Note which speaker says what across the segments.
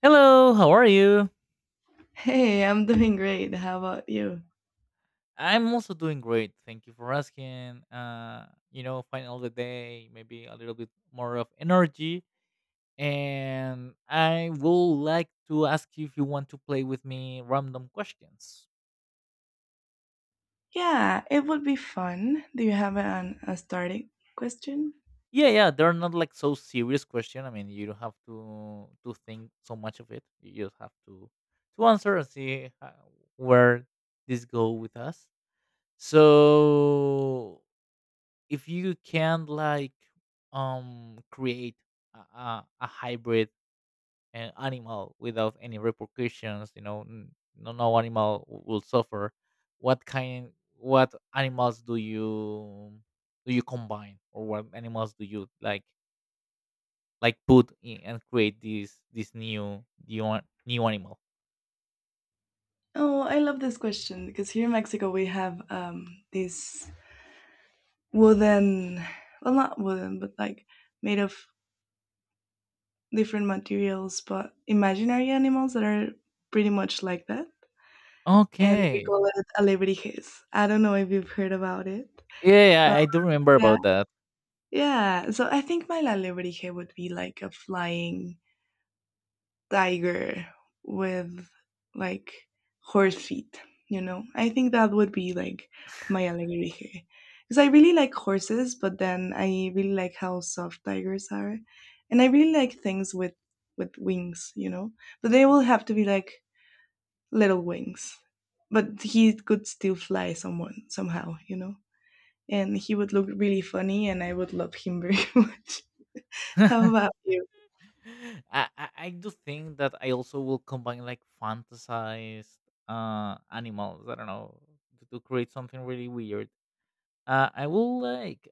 Speaker 1: Hello, how are you?
Speaker 2: Hey, I'm doing great. How about you?
Speaker 1: I'm also doing great. Thank you for asking. Final of the day, maybe a little bit more of energy. And I will like to ask you if you want to play with me random questions.
Speaker 2: Yeah, it would be fun. Do you have a starting question?
Speaker 1: Yeah, yeah, they're not like so serious question. I mean, you don't have to think so much of it. You just have to answer and see how, where this go with us. So if you can like create a hybrid animal without any repercussions, you know, no, no animal will suffer, what kind what animals do you combine, or what animals do you like put in and create this new animal.
Speaker 2: Oh, I love this question because here in Mexico we have these wooden, well, not wooden, but like made of different materials, but imaginary animals that are pretty much like that. And we
Speaker 1: Okay.
Speaker 2: call it alebrijes. I don't know if you've heard about it,
Speaker 1: Yeah,
Speaker 2: but
Speaker 1: I do remember
Speaker 2: yeah,
Speaker 1: about that.
Speaker 2: yeah. So I think my alebrije would be like a flying tiger with like horse feet. I think that would be like my alegría because I really like horses, but then I really like how soft tigers are, and I really like things with wings. But they will have to be like little wings, but he could still fly someone somehow. And he would look really funny, and I would love him very much. How about you?
Speaker 1: I do think that I also will combine like fantasized animals. I don't know, to create something really weird. I will like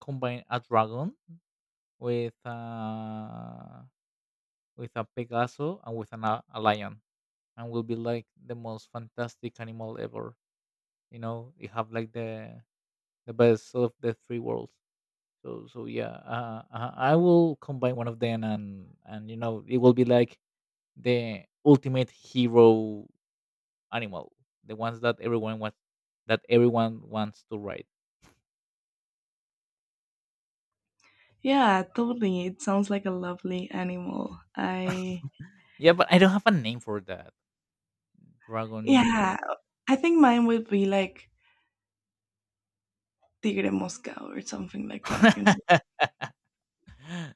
Speaker 1: combine a dragon with uh with a Pegaso and with a lion, and will be like the most fantastic animal ever. You know, you have like the best of the three worlds. So yeah, I will combine one of them, and you know it will be like the ultimate hero animal, the ones that everyone wants to ride.
Speaker 2: Yeah, totally. It sounds like a lovely animal. I
Speaker 1: Yeah, but I don't have a name for that. Dragon
Speaker 2: Yeah,
Speaker 1: unicorn.
Speaker 2: I think mine would be like tigre mosca or something like that.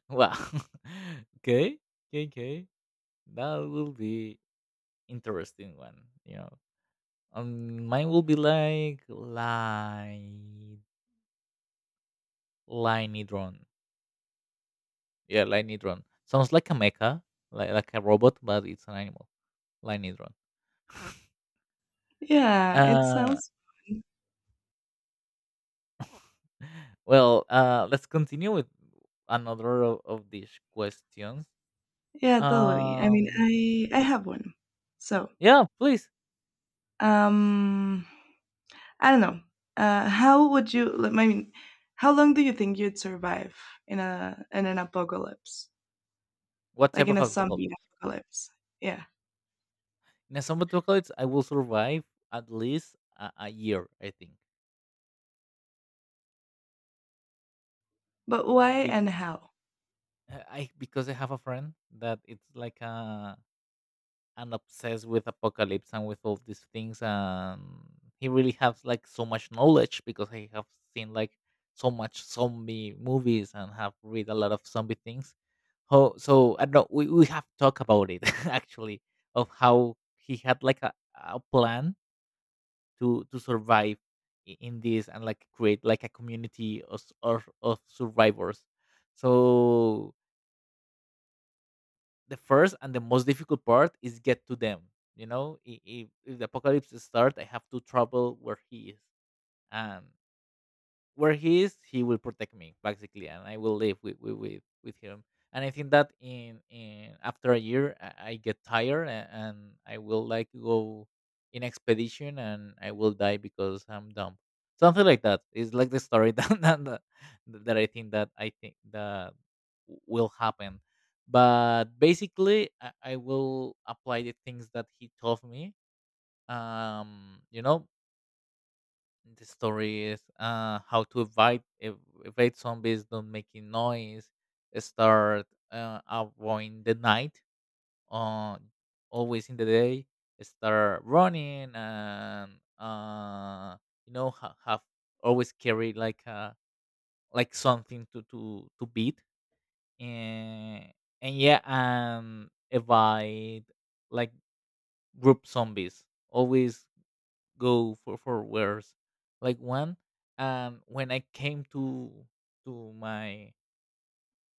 Speaker 1: Wow. Okay. Okay. Okay. That will be interesting one. Mine will be like lightning drone. Yeah, lightning drone. Sounds like a mecha, like a robot, but it's an animal. Lightning drone.
Speaker 2: Yeah, it
Speaker 1: Uh
Speaker 2: sounds
Speaker 1: Well, let's continue with another of these questions.
Speaker 2: Yeah, totally. I mean,
Speaker 1: Um,
Speaker 2: I have one. So,
Speaker 1: yeah, please.
Speaker 2: um, I don't know. How would you? I mean, how long do you think you'd survive in a in an apocalypse,
Speaker 1: What
Speaker 2: like
Speaker 1: type
Speaker 2: in
Speaker 1: of
Speaker 2: a zombie
Speaker 1: apocalypse?
Speaker 2: apocalypse? Yeah,
Speaker 1: In a zombie apocalypse, I will survive at least a year, I think.
Speaker 2: but why
Speaker 1: Be-
Speaker 2: and how?
Speaker 1: I because I have a friend that it's like a and obsessed with apocalypse and with all these things, and he really has like so much knowledge because he have seen like so much zombie movies and have read a lot of zombie things. Ho so I don't we have talked about it actually, of how he had like a plan to survive in this, and like create like a community of survivors. So the first and the most difficult part is get to them. You know, if the apocalypse start, I have to travel where he is, and where he is, he will protect me basically, and I will live with him. And I think that in after a year, I get tired, and I will like go in expedition, and I will die because I'm dumb. Something like that. It's like the story that I think that will happen. But basically, I will apply the things that he told me. Um, you know, the story is how to evade evade zombies, don't making noise, start avoiding the night, uh, always in the day, start running, and uh, have always carry like a, like something to beat, and yeah, and evade like group zombies, always go for wars. Like when I came to my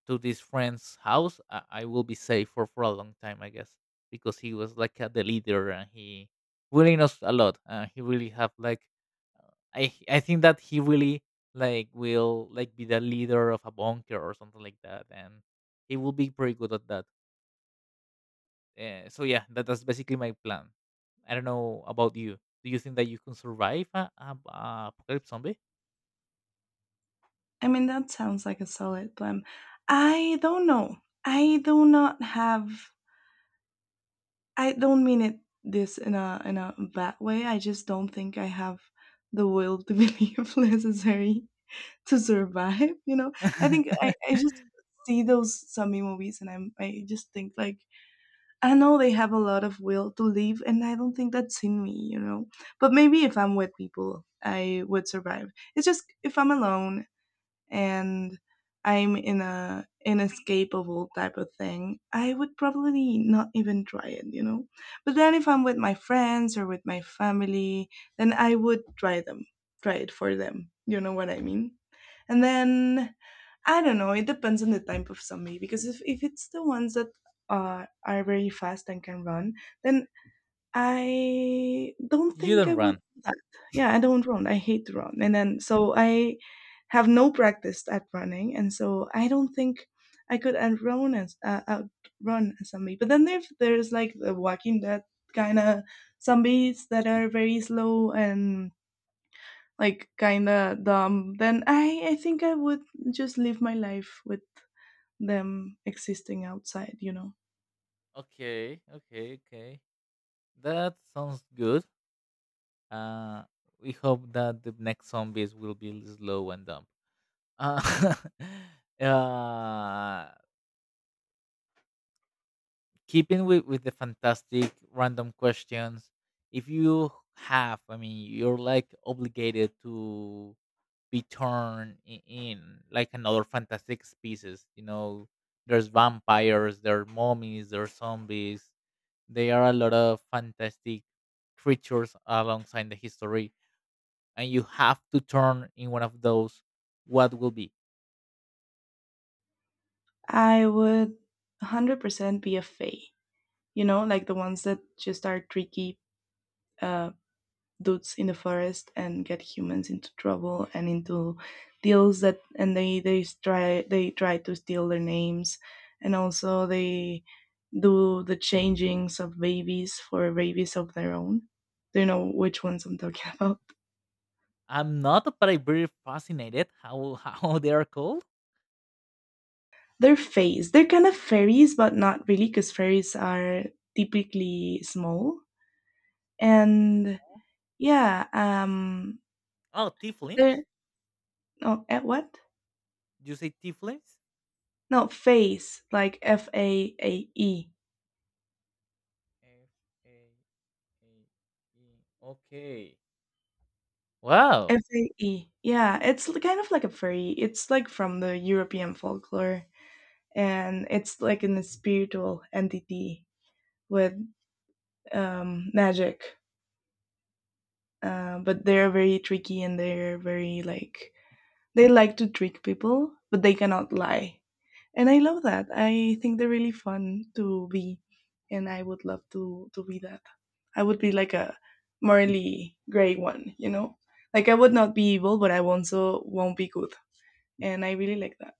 Speaker 1: to this friend's house, I will be safe for a long time, I guess, because he was like the leader and he really knows a lot. He really have like, I think that he really like will like be the leader of a bunker or something like that, and he will be pretty good at that. So yeah, that's basically my plan. I don't know about you. Do you think that you can survive a apocalypse zombie?
Speaker 2: I mean, that sounds like a solid plan. I don't know. I do not have. I don't mean it this in a bad way. I just don't think I have the will to believe necessary to survive. I just see those zombie movies, and I just think like I know they have a lot of will to live, and I don't think that's in me. But maybe if I'm with people I would survive. It's just if I'm alone and I'm in a inescapable type of thing, I would probably not even try it, you know. But then if I'm with my friends or with my family, then I would try them, try it for them. You know what I mean? And then I don't know. It depends on the type of zombie because if it's the ones that are very fast and can run, then I don't
Speaker 1: You
Speaker 2: think I
Speaker 1: don't
Speaker 2: would
Speaker 1: run.
Speaker 2: do that. Yeah, I don't run. I hate to run. And then so I have no practice at running, and so I don't think I could outrun as outrun a zombie. But then if there's like the Walking Dead kind of zombies that are very slow and like kind of dumb, then I think I would just live my life with them existing outside, you know.
Speaker 1: Okay, okay, okay. That sounds good. Uh, we hope that the next zombies will be slow and dumb. Uh, uh, keeping with the fantastic random questions, if you have, I mean, you're like obligated to be turned in like another fantastic species, you know, there's vampires, there are mummies, there are zombies. There are a lot of fantastic creatures alongside the history, and you have to turn in one of those. What will be?
Speaker 2: I would 100% be a fae. You know, like the ones that just are tricky uh, dudes in the forest and get humans into trouble and into deals that, and they try to steal their names, and also they do the changings of babies for babies of their own. Do you know which ones I'm talking about?
Speaker 1: I'm not, but I'm very fascinated how how they are called.
Speaker 2: They're fays. They're kind of fairies, but not really, because fairies are typically small. And yeah,
Speaker 1: Oh,
Speaker 2: they're,
Speaker 1: tieflings.
Speaker 2: oh, eh, what?
Speaker 1: You say tieflings?
Speaker 2: No, face, like F-A-A-E.
Speaker 1: F A A E. Okay. Wow.
Speaker 2: fae. Yeah, it's kind of like a fairy. It's like from the European folklore, and it's like an spiritual entity with magic. But they're very tricky and they're very like, they like to trick people, but they cannot lie. And I love that. I think they're really fun to be, and I would love to be that. I would be like a morally gray one, you know? Like I would not be evil, but I also won't be good. And I really like that.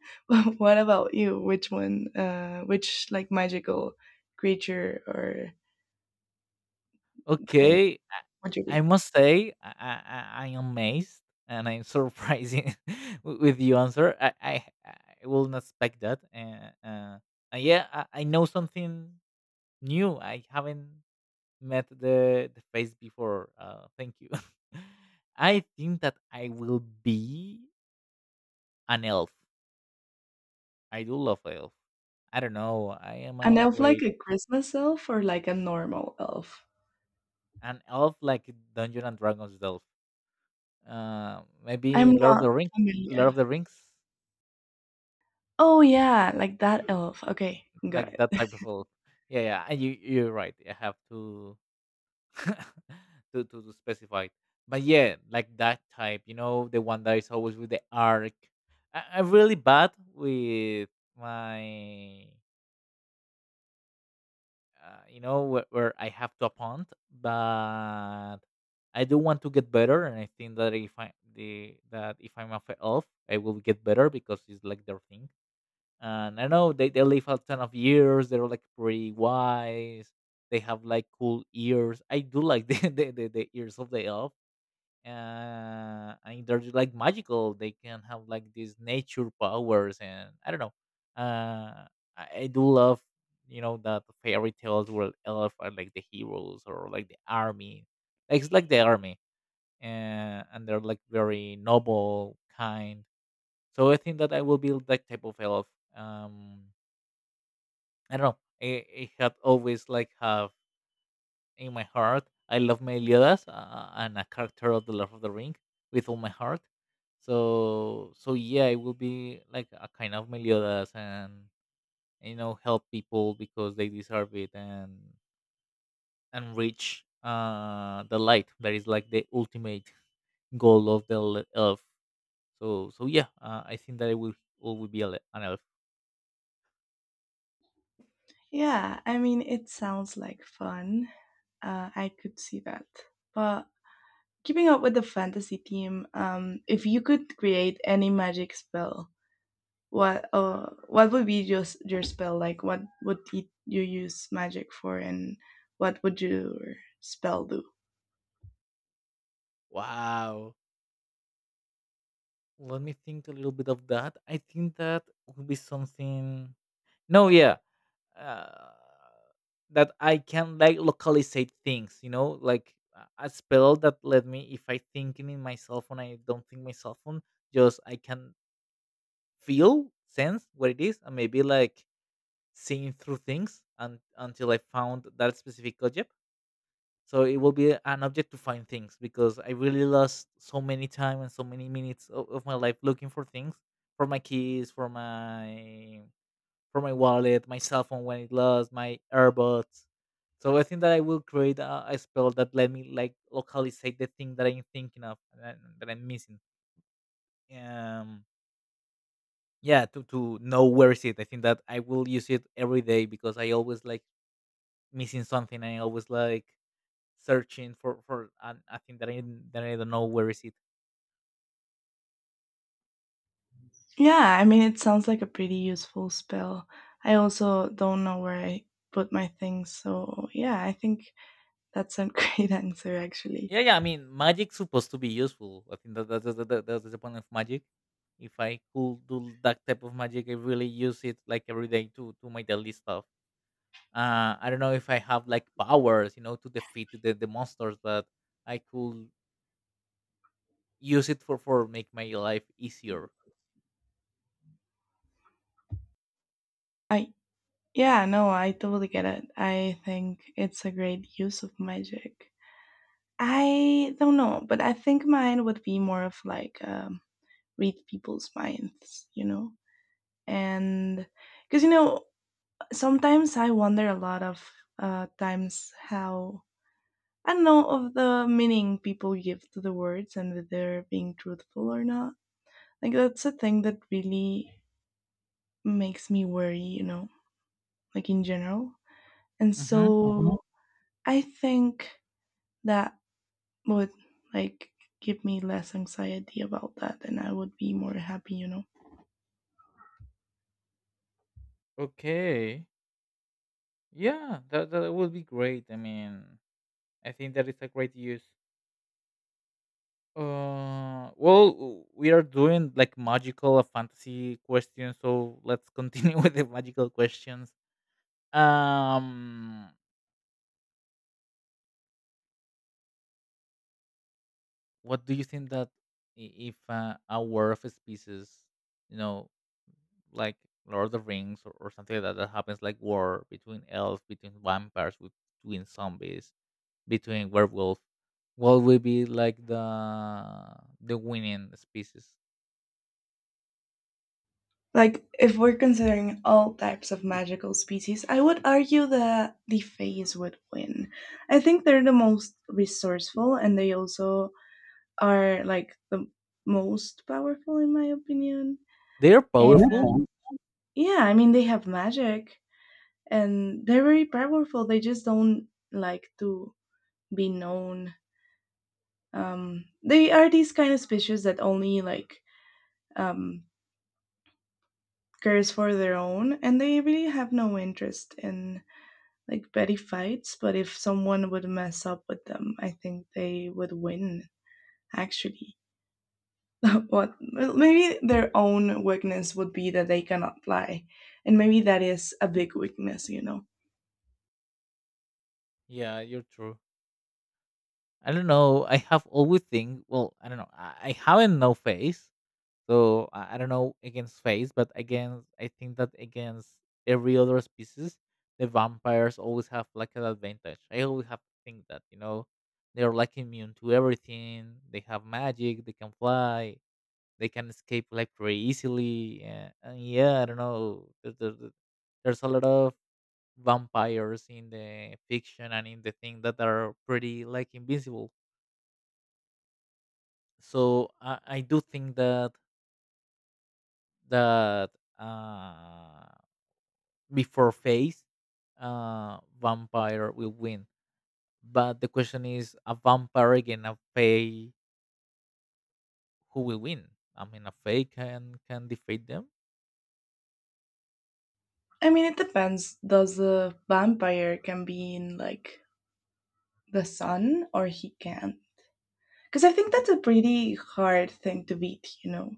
Speaker 2: What about you? Which like magical creature or thing
Speaker 1: Okay,
Speaker 2: would you
Speaker 1: I
Speaker 2: be?
Speaker 1: must say I'm amazed and I'm surprising with the answer. I I will not expect that. And yeah, I know something new. I haven't met the face before. Thank you. I think that I will be an elf. I do love elf. I don't know. I am
Speaker 2: An
Speaker 1: a
Speaker 2: elf like
Speaker 1: great
Speaker 2: a Christmas elf or like a normal elf?
Speaker 1: an elf like Dungeon and Dragons elf. Maybe
Speaker 2: I'm
Speaker 1: Lord of
Speaker 2: not
Speaker 1: the Rings, Lord
Speaker 2: familiar.
Speaker 1: of the Rings,
Speaker 2: Oh yeah, like that elf. Okay, got
Speaker 1: like that
Speaker 2: it.
Speaker 1: type of old. Yeah, yeah. And you're right. I have to to specify it. But yeah, like that type, you know, the one that is always with the arc. I'm really bad with my, where I have to appoint, but I do want to get better, and I think that if I'm a elf, I will get better because it's like their thing. And I don't know, they live a ton of years. They're like pretty wise. They have like cool ears. I do like the ears of the elf. And they're just like magical. They can have like these nature powers, and I don't know. Uh, I do love that fairy tales where elf are like the heroes or like the army. Like, it's like the army, and they're like very noble, kind. So I think that I will be that type of elf. Um, I don't know. I had always like have in my heart. I love Meliodas, and a character of the Lord of the Ring with all my heart. So yeah, it will be like a kind of Meliodas, and help people because they deserve it, and reach the light that is like the ultimate goal of the elf. So yeah, I think that it will always be an elf.
Speaker 2: Yeah, I mean it sounds like fun. I could see that. But keeping up with the fantasy theme, if you could create any magic spell, what would be your your spell like? What would you use magic for, and what would your spell do?
Speaker 1: Wow. Let me think a little bit of that. I think that would be something. No, yeah, uh, that I can like localizate things. You know, like a spell that let me, if I thinking in my cell phone, I don't think my cell phone. Just I can feel sense what it is, and maybe like seeing through things, and until I found that specific object, so it will be an object to find things, because I really lost so many time and so many minutes of my life looking for things, for my keys, for my wallet, my cell phone, when it lost my airbuds. So I think that I will create a spell that let me like localizate the thing that I'm thinking of, that I'm missing. um yeah, to know where is it. I think that I will use it every day, because I always like missing something. I always like searching I think that I don't know where is it.
Speaker 2: Yeah, I mean, it sounds like a pretty useful spell. I also don't know where I put my things, so yeah, I think that's a great answer actually.
Speaker 1: Yeah, yeah. I mean, magic's supposed to be useful. I think that that's the point of magic. If I could do that type of magic, I really use it like every day to my daily stuff. I don't know if I have like powers, to defeat the monsters, but I could use it for make my life easier.
Speaker 2: I Yeah, no, I totally get it. I think it's a great use of magic. I don't know, but I think mine would be more of like read people's minds, you know, and because sometimes I wonder a lot of times how I don't know of the meaning people give to the words and whether they're being truthful or not. Like that's a thing that really makes me worry, you know, like in general. And so.
Speaker 1: Hmm.
Speaker 2: Mhm. I think that would like give me less anxiety about that, and I would be more happy, you know.
Speaker 1: Okay. Yeah, that would be great. I mean, I think that is a great use. Well, we are doing like magical fantasy questions, so let's continue with the magical questions. Um, what do you think that if a war of species, you know, like Lord of the Rings, or something like that, that happens like war between elves, between vampires, between zombies, between werewolf, what will be like the winning species?
Speaker 2: Like if we're considering all types of magical species, I would argue that the fays would win. I think they're the most resourceful, and they also are like the most powerful in my opinion.
Speaker 1: They're
Speaker 2: And
Speaker 1: powerful.
Speaker 2: okay, yeah, I mean they have magic, and they're very powerful. They just don't like to be known. They are these kind of species that only like um, cares for their own, and they really have no interest in like petty fights. But if someone would mess up with them, I think they would win actually. What, well, maybe their own weakness would be that they cannot lie, and maybe that is a big weakness, you know.
Speaker 1: Yeah, you're true. I don't know. I have always think. Well, I don't know. I haven't no face, so I don't know against face, but against I think that against every other species, the vampires always have like an advantage. I always have to think that they're like immune to everything. They have magic. They can fly. They can escape like very easily. Yeah, and yeah, I don't know. There's a lot of vampires in the fiction and in the thing that are pretty like invincible, so I do think that uh, before phase, vampire will win. But the question is, a vampire against a fae, who will win? I mean, a fae can defeat them.
Speaker 2: I mean it depends, does the vampire can be in like the sun or he can, because I think that's a pretty hard thing to beat, you know.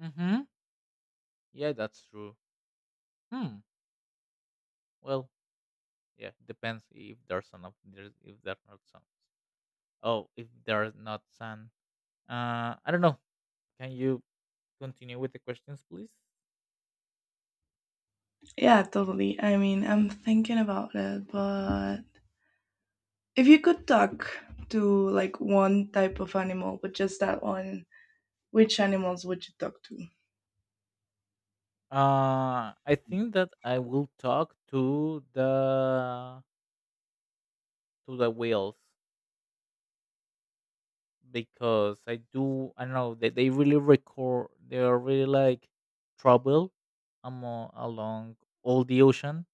Speaker 1: Mm-hmm. Yeah, that's true. Hmm. Well, yeah, depends if there's sun of there's if there's not sun. Oh, if there's not sun. I don't know. Can you continue with the questions, please?
Speaker 2: Yeah, totally, I mean I'm thinking about it, but if you could talk to like one type of animal, but just that one, which animals would you talk to?
Speaker 1: I think that I will talk to the whales because I don't know, they really record they are really like trouble along all the ocean.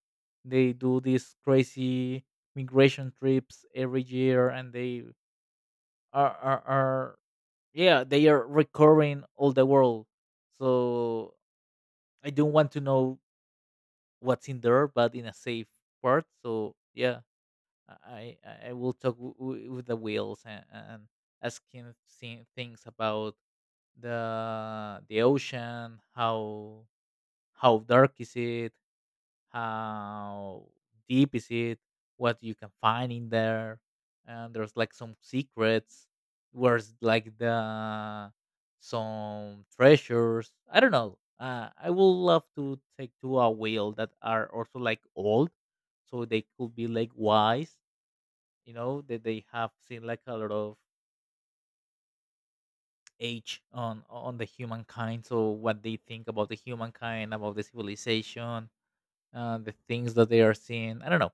Speaker 1: They do these crazy migration trips every year, and they are yeah, they are recurring all the world. So I don't want to know what's in there, but in a safe part. So yeah. I will talk with the whales, and ask him things about the ocean, how dark is it, how deep is it, what you can find in there, and there's like some secrets, where's like the some treasures. I don't know. I would love to take to a whale that are also like old, so they could be like wise, that they have seen like a lot of age on the humankind, so what they think about the humankind, about the civilization, the things that they are seeing. I don't know.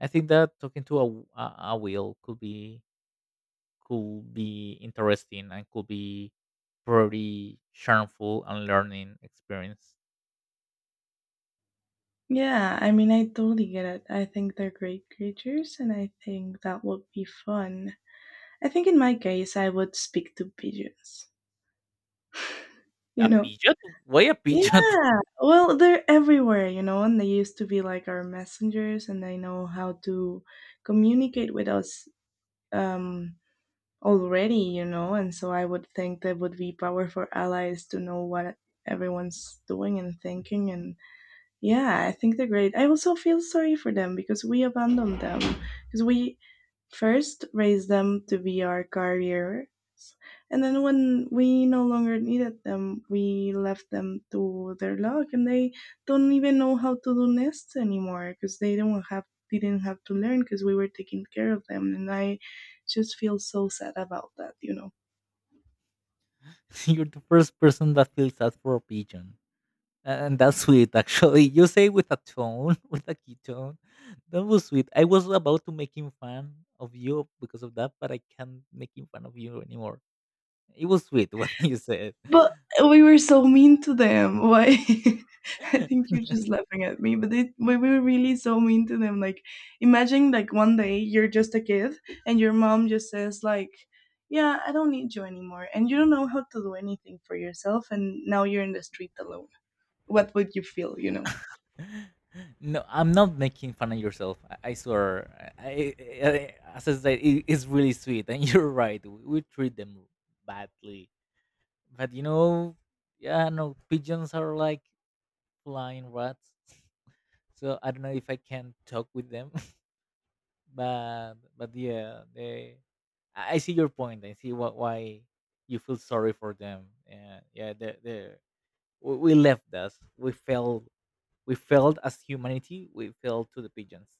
Speaker 1: I think that talking to a wheel could be interesting and could be pretty charmful and learning experience.
Speaker 2: Yeah, I mean, I totally get it. I think they're great creatures, and I think that would be fun. I think in my case, I would speak to pigeons. You
Speaker 1: A
Speaker 2: know?
Speaker 1: pigeon? Why a pigeon?
Speaker 2: Yeah, well, they're everywhere, you know, and they used to be like our messengers, and they know how to communicate with us um, already, you know, and so I would think that would be powerful allies to know what everyone's doing and thinking, and yeah, I think they're great. I also feel sorry for them because we abandoned them. Because we first raised them to be our careers, and then when we no longer needed them, we left them to their luck, and they don't even know how to do nests anymore because they don't have, didn't have to learn because we were taking care of them, and I just feel so sad about that, you know.
Speaker 1: You're the first person that feels that for a pigeon, and that's sweet, actually. You say with a tone, with a key tone. That was sweet. I was about to make him fun of you because of that, but I can't make him fun of you anymore. It was sweet what you said.
Speaker 2: But we were so mean to them. Why? I think you're just laughing at me, we were really so mean to them. Like, imagine like one day you're just a kid, and your mom just says like, "Yeah, I don't need you anymore," and you don't know how to do anything for yourself, and now you're in the street alone. What would you feel? You know?
Speaker 1: No, I'm not making fun of yourself. I swear. I, as I said, it's really sweet, and you're right. We treat them badly, but yeah, no, pigeons are like flying rats, so I don't know if I can talk with them, but yeah, they. I see your point. I see what why you feel sorry for them. Yeah, yeah. They we left us. We failed. We failed as humanity. We failed to the pigeons.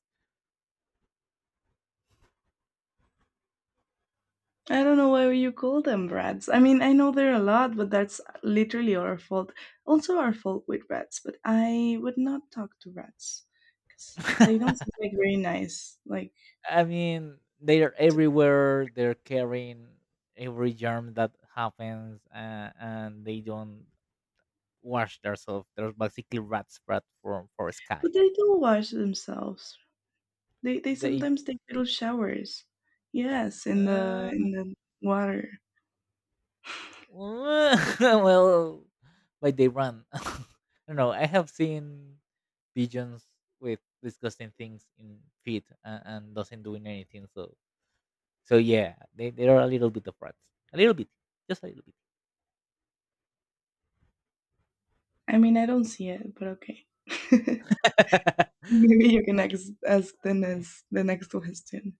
Speaker 2: I don't know why you call them rats. I mean, I know there are a lot, but that's literally our fault. Also, our fault with rats, but I would not talk to rats because they don't seem like very nice. Like,
Speaker 1: I mean, they are
Speaker 2: to-
Speaker 1: everywhere. They're carrying every germ that happens, and they don't wash themselves. They're basically rats, but for
Speaker 2: but
Speaker 1: sky.
Speaker 2: they do wash themselves. They
Speaker 1: They.
Speaker 2: sometimes take little showers. Yes, in the in
Speaker 1: Uh,
Speaker 2: the water.
Speaker 1: well, but they run. I don't know. I have seen pigeons with disgusting things in feet, and doesn't doing anything. So, yeah, they are a little bit of rats. A little bit, just a little bit.
Speaker 2: I mean, I don't see it, but okay. Maybe you can ask the next question.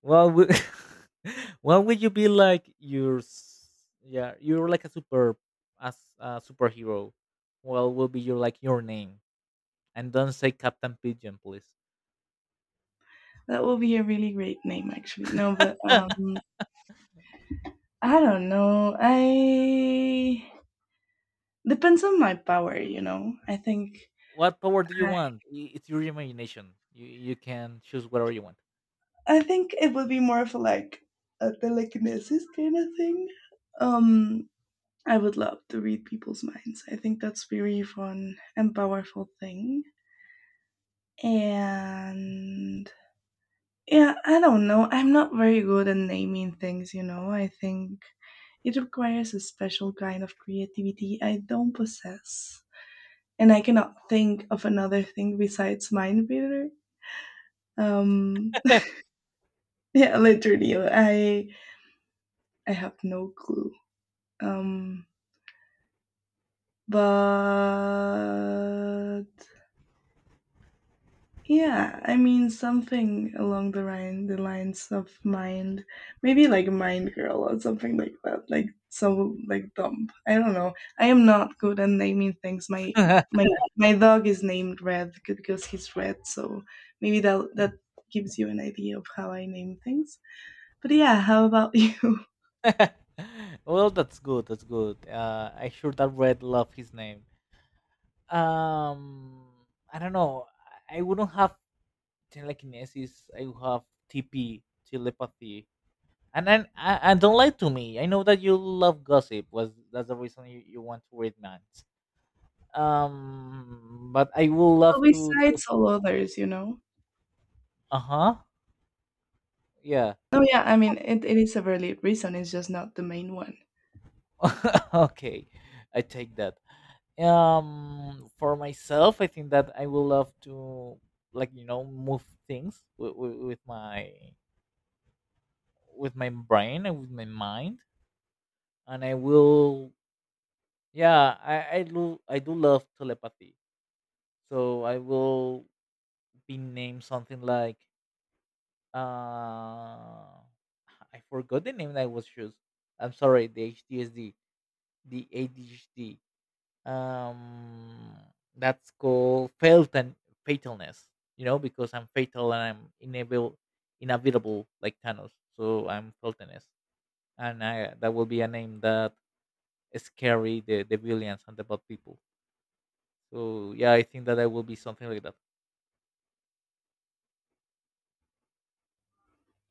Speaker 1: what would What would you be like? Yeah, you're like a superhero. What will be your name? And don't say Captain Pigeon, please.
Speaker 2: That will be a really great name, actually. No, but I don't know. I depends on my power, you know. I think
Speaker 1: What power do you
Speaker 2: I,
Speaker 1: want? It's your imagination. You can choose whatever you want.
Speaker 2: it would be more of like a telekinesis kind of thing. Um I would love to read people's minds. I think that's very fun and powerful thing. And yeah, I don't know. I'm not very good at naming things, you know. I think it requires a special kind of creativity I don't possess, and I cannot think of another thing besides Mind Reader. Um, yeah, literally, I have no clue. Um, but Yeah, I mean something along the lines of Mind, maybe like Mind Girl or something like that, like so like dump. I don't know. I am not good at naming things. My my dog is named Red because he's red, so maybe that gives you an idea of how I name things. But yeah, how about you?
Speaker 1: Well, that's good. That's good. I sure that Red love his name. Um, I don't know. I wouldn't have telekinesis. I would have TP telepathy. And then and don't lie to me. I know that you love gossip. Was That's the reason you want to read minds. But I would
Speaker 2: Well,
Speaker 1: love to.
Speaker 2: besides all others, you know.
Speaker 1: Uh huh. Yeah.
Speaker 2: Oh yeah, I mean it is a valid reason, it's just not the main one.
Speaker 1: Okay, I take that. For myself, I think that I will love to, like, move things with my brain and with my mind, and I will, yeah, I do love telepathy, so I will be named something like, uh I forgot the name that I was used. I'm sorry, the ADHD. um that's called failed and fatalness, because I'm fatal and I'm inable inevitable, like Thanos, so I'm fatalness. And I that will be a name that scary the villains and the bad people, so yeah, I think that I will be something like that.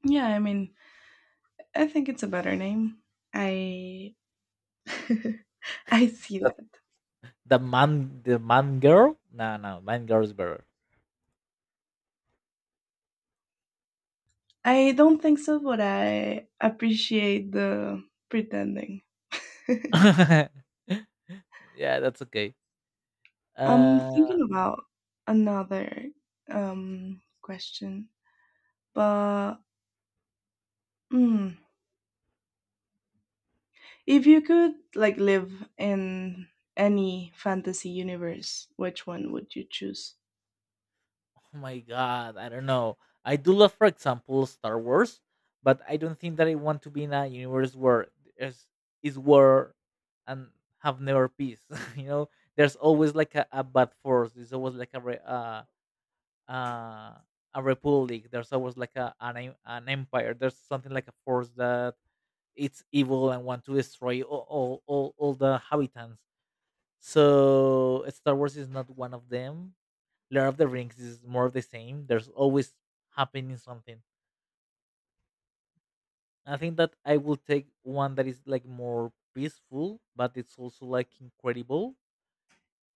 Speaker 2: Yeah, I mean I think it's a better name. I I see that.
Speaker 1: That's the man girl. No, no, man girl is better.
Speaker 2: I don't think so, but I appreciate the pretending.
Speaker 1: Yeah, that's okay.
Speaker 2: I'm
Speaker 1: Uh,
Speaker 2: thinking about another question, but mm, if you could like live in any fantasy universe, which one would you choose?
Speaker 1: Oh my God, I don't know. I do love, for example, Star Wars, but I don't think that I want to be in a universe where there's is war and have never peace. you know, there's always like a bad force. There's always like uh, a republic. There's always like an empire. There's something like a force that it's evil and want to destroy all the habitants. So Star Wars is not one of them. Lord of the Rings is more of the same. There's always happening something. I think that I will take one that is like more peaceful, but it's also like incredible,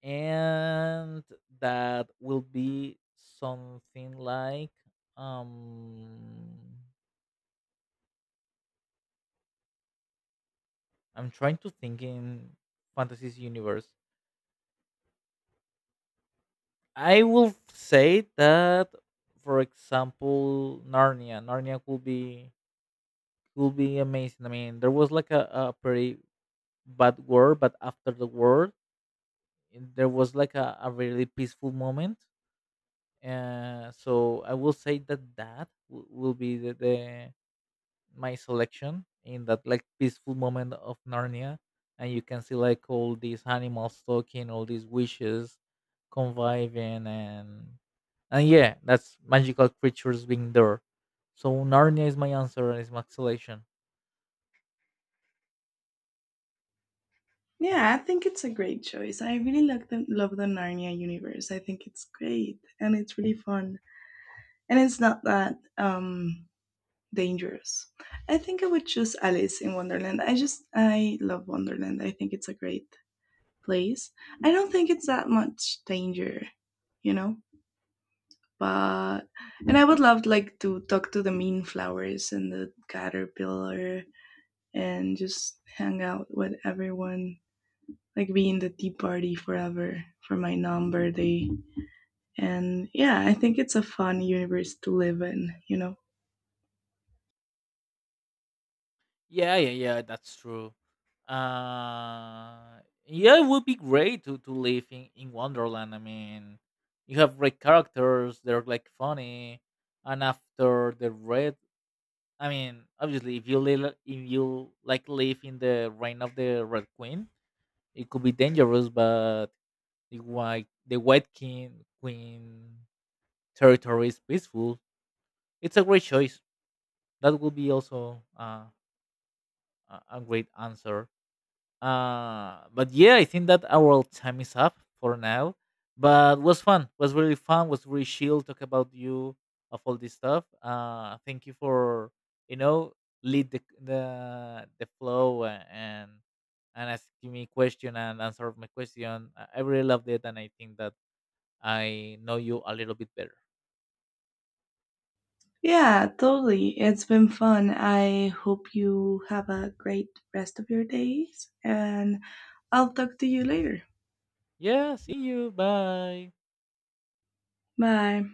Speaker 1: and that will be something like um. I'm trying to think in fantasy's universe. I will say that, for example, Narnia. Narnia will be amazing. I mean, there was like a pretty bad war, but after the war, and there was like a really peaceful moment. So I will say that will be the my selection, in that like peaceful moment of Narnia, and you can see like all these animals talking, all these wishes conviving, and yeah, that's magical creatures being there. So Narnia is my answer and is my selection.
Speaker 2: Yeah, I think it's a great choice. I really love the Narnia universe. I think it's great and it's really fun, and it's not that dangerous. I think I would choose Alice in Wonderland. I love Wonderland. I think it's a great place. I don't think it's that much danger, you know. But And I would love like to talk to the mean flowers and the caterpillar and just hang out with everyone, like be in the tea party forever for my non birthday. And yeah, I think it's a fun universe to live in, you know?
Speaker 1: Yeah, yeah, yeah. That's true. Uh, yeah, it would be great to live in Wonderland. I mean, you have great characters. They're like funny, and after the red, I mean, obviously, if you live in the reign of the Red Queen, it could be dangerous. But the White King Queen territory is peaceful. It's a great choice. That would be also, a great answer. But yeah, I think that our time is up for now. But was fun. Was really fun. Was really chill. Talk about you of all this stuff. Thank you for you know lead the flow, and asking me question and answer my question. I really loved it, and I think that I know you a little bit better.
Speaker 2: Yeah, totally. It's been fun. I hope you have a great rest of your days, and I'll talk to you later.
Speaker 1: Yeah. See you. Bye.
Speaker 2: Bye.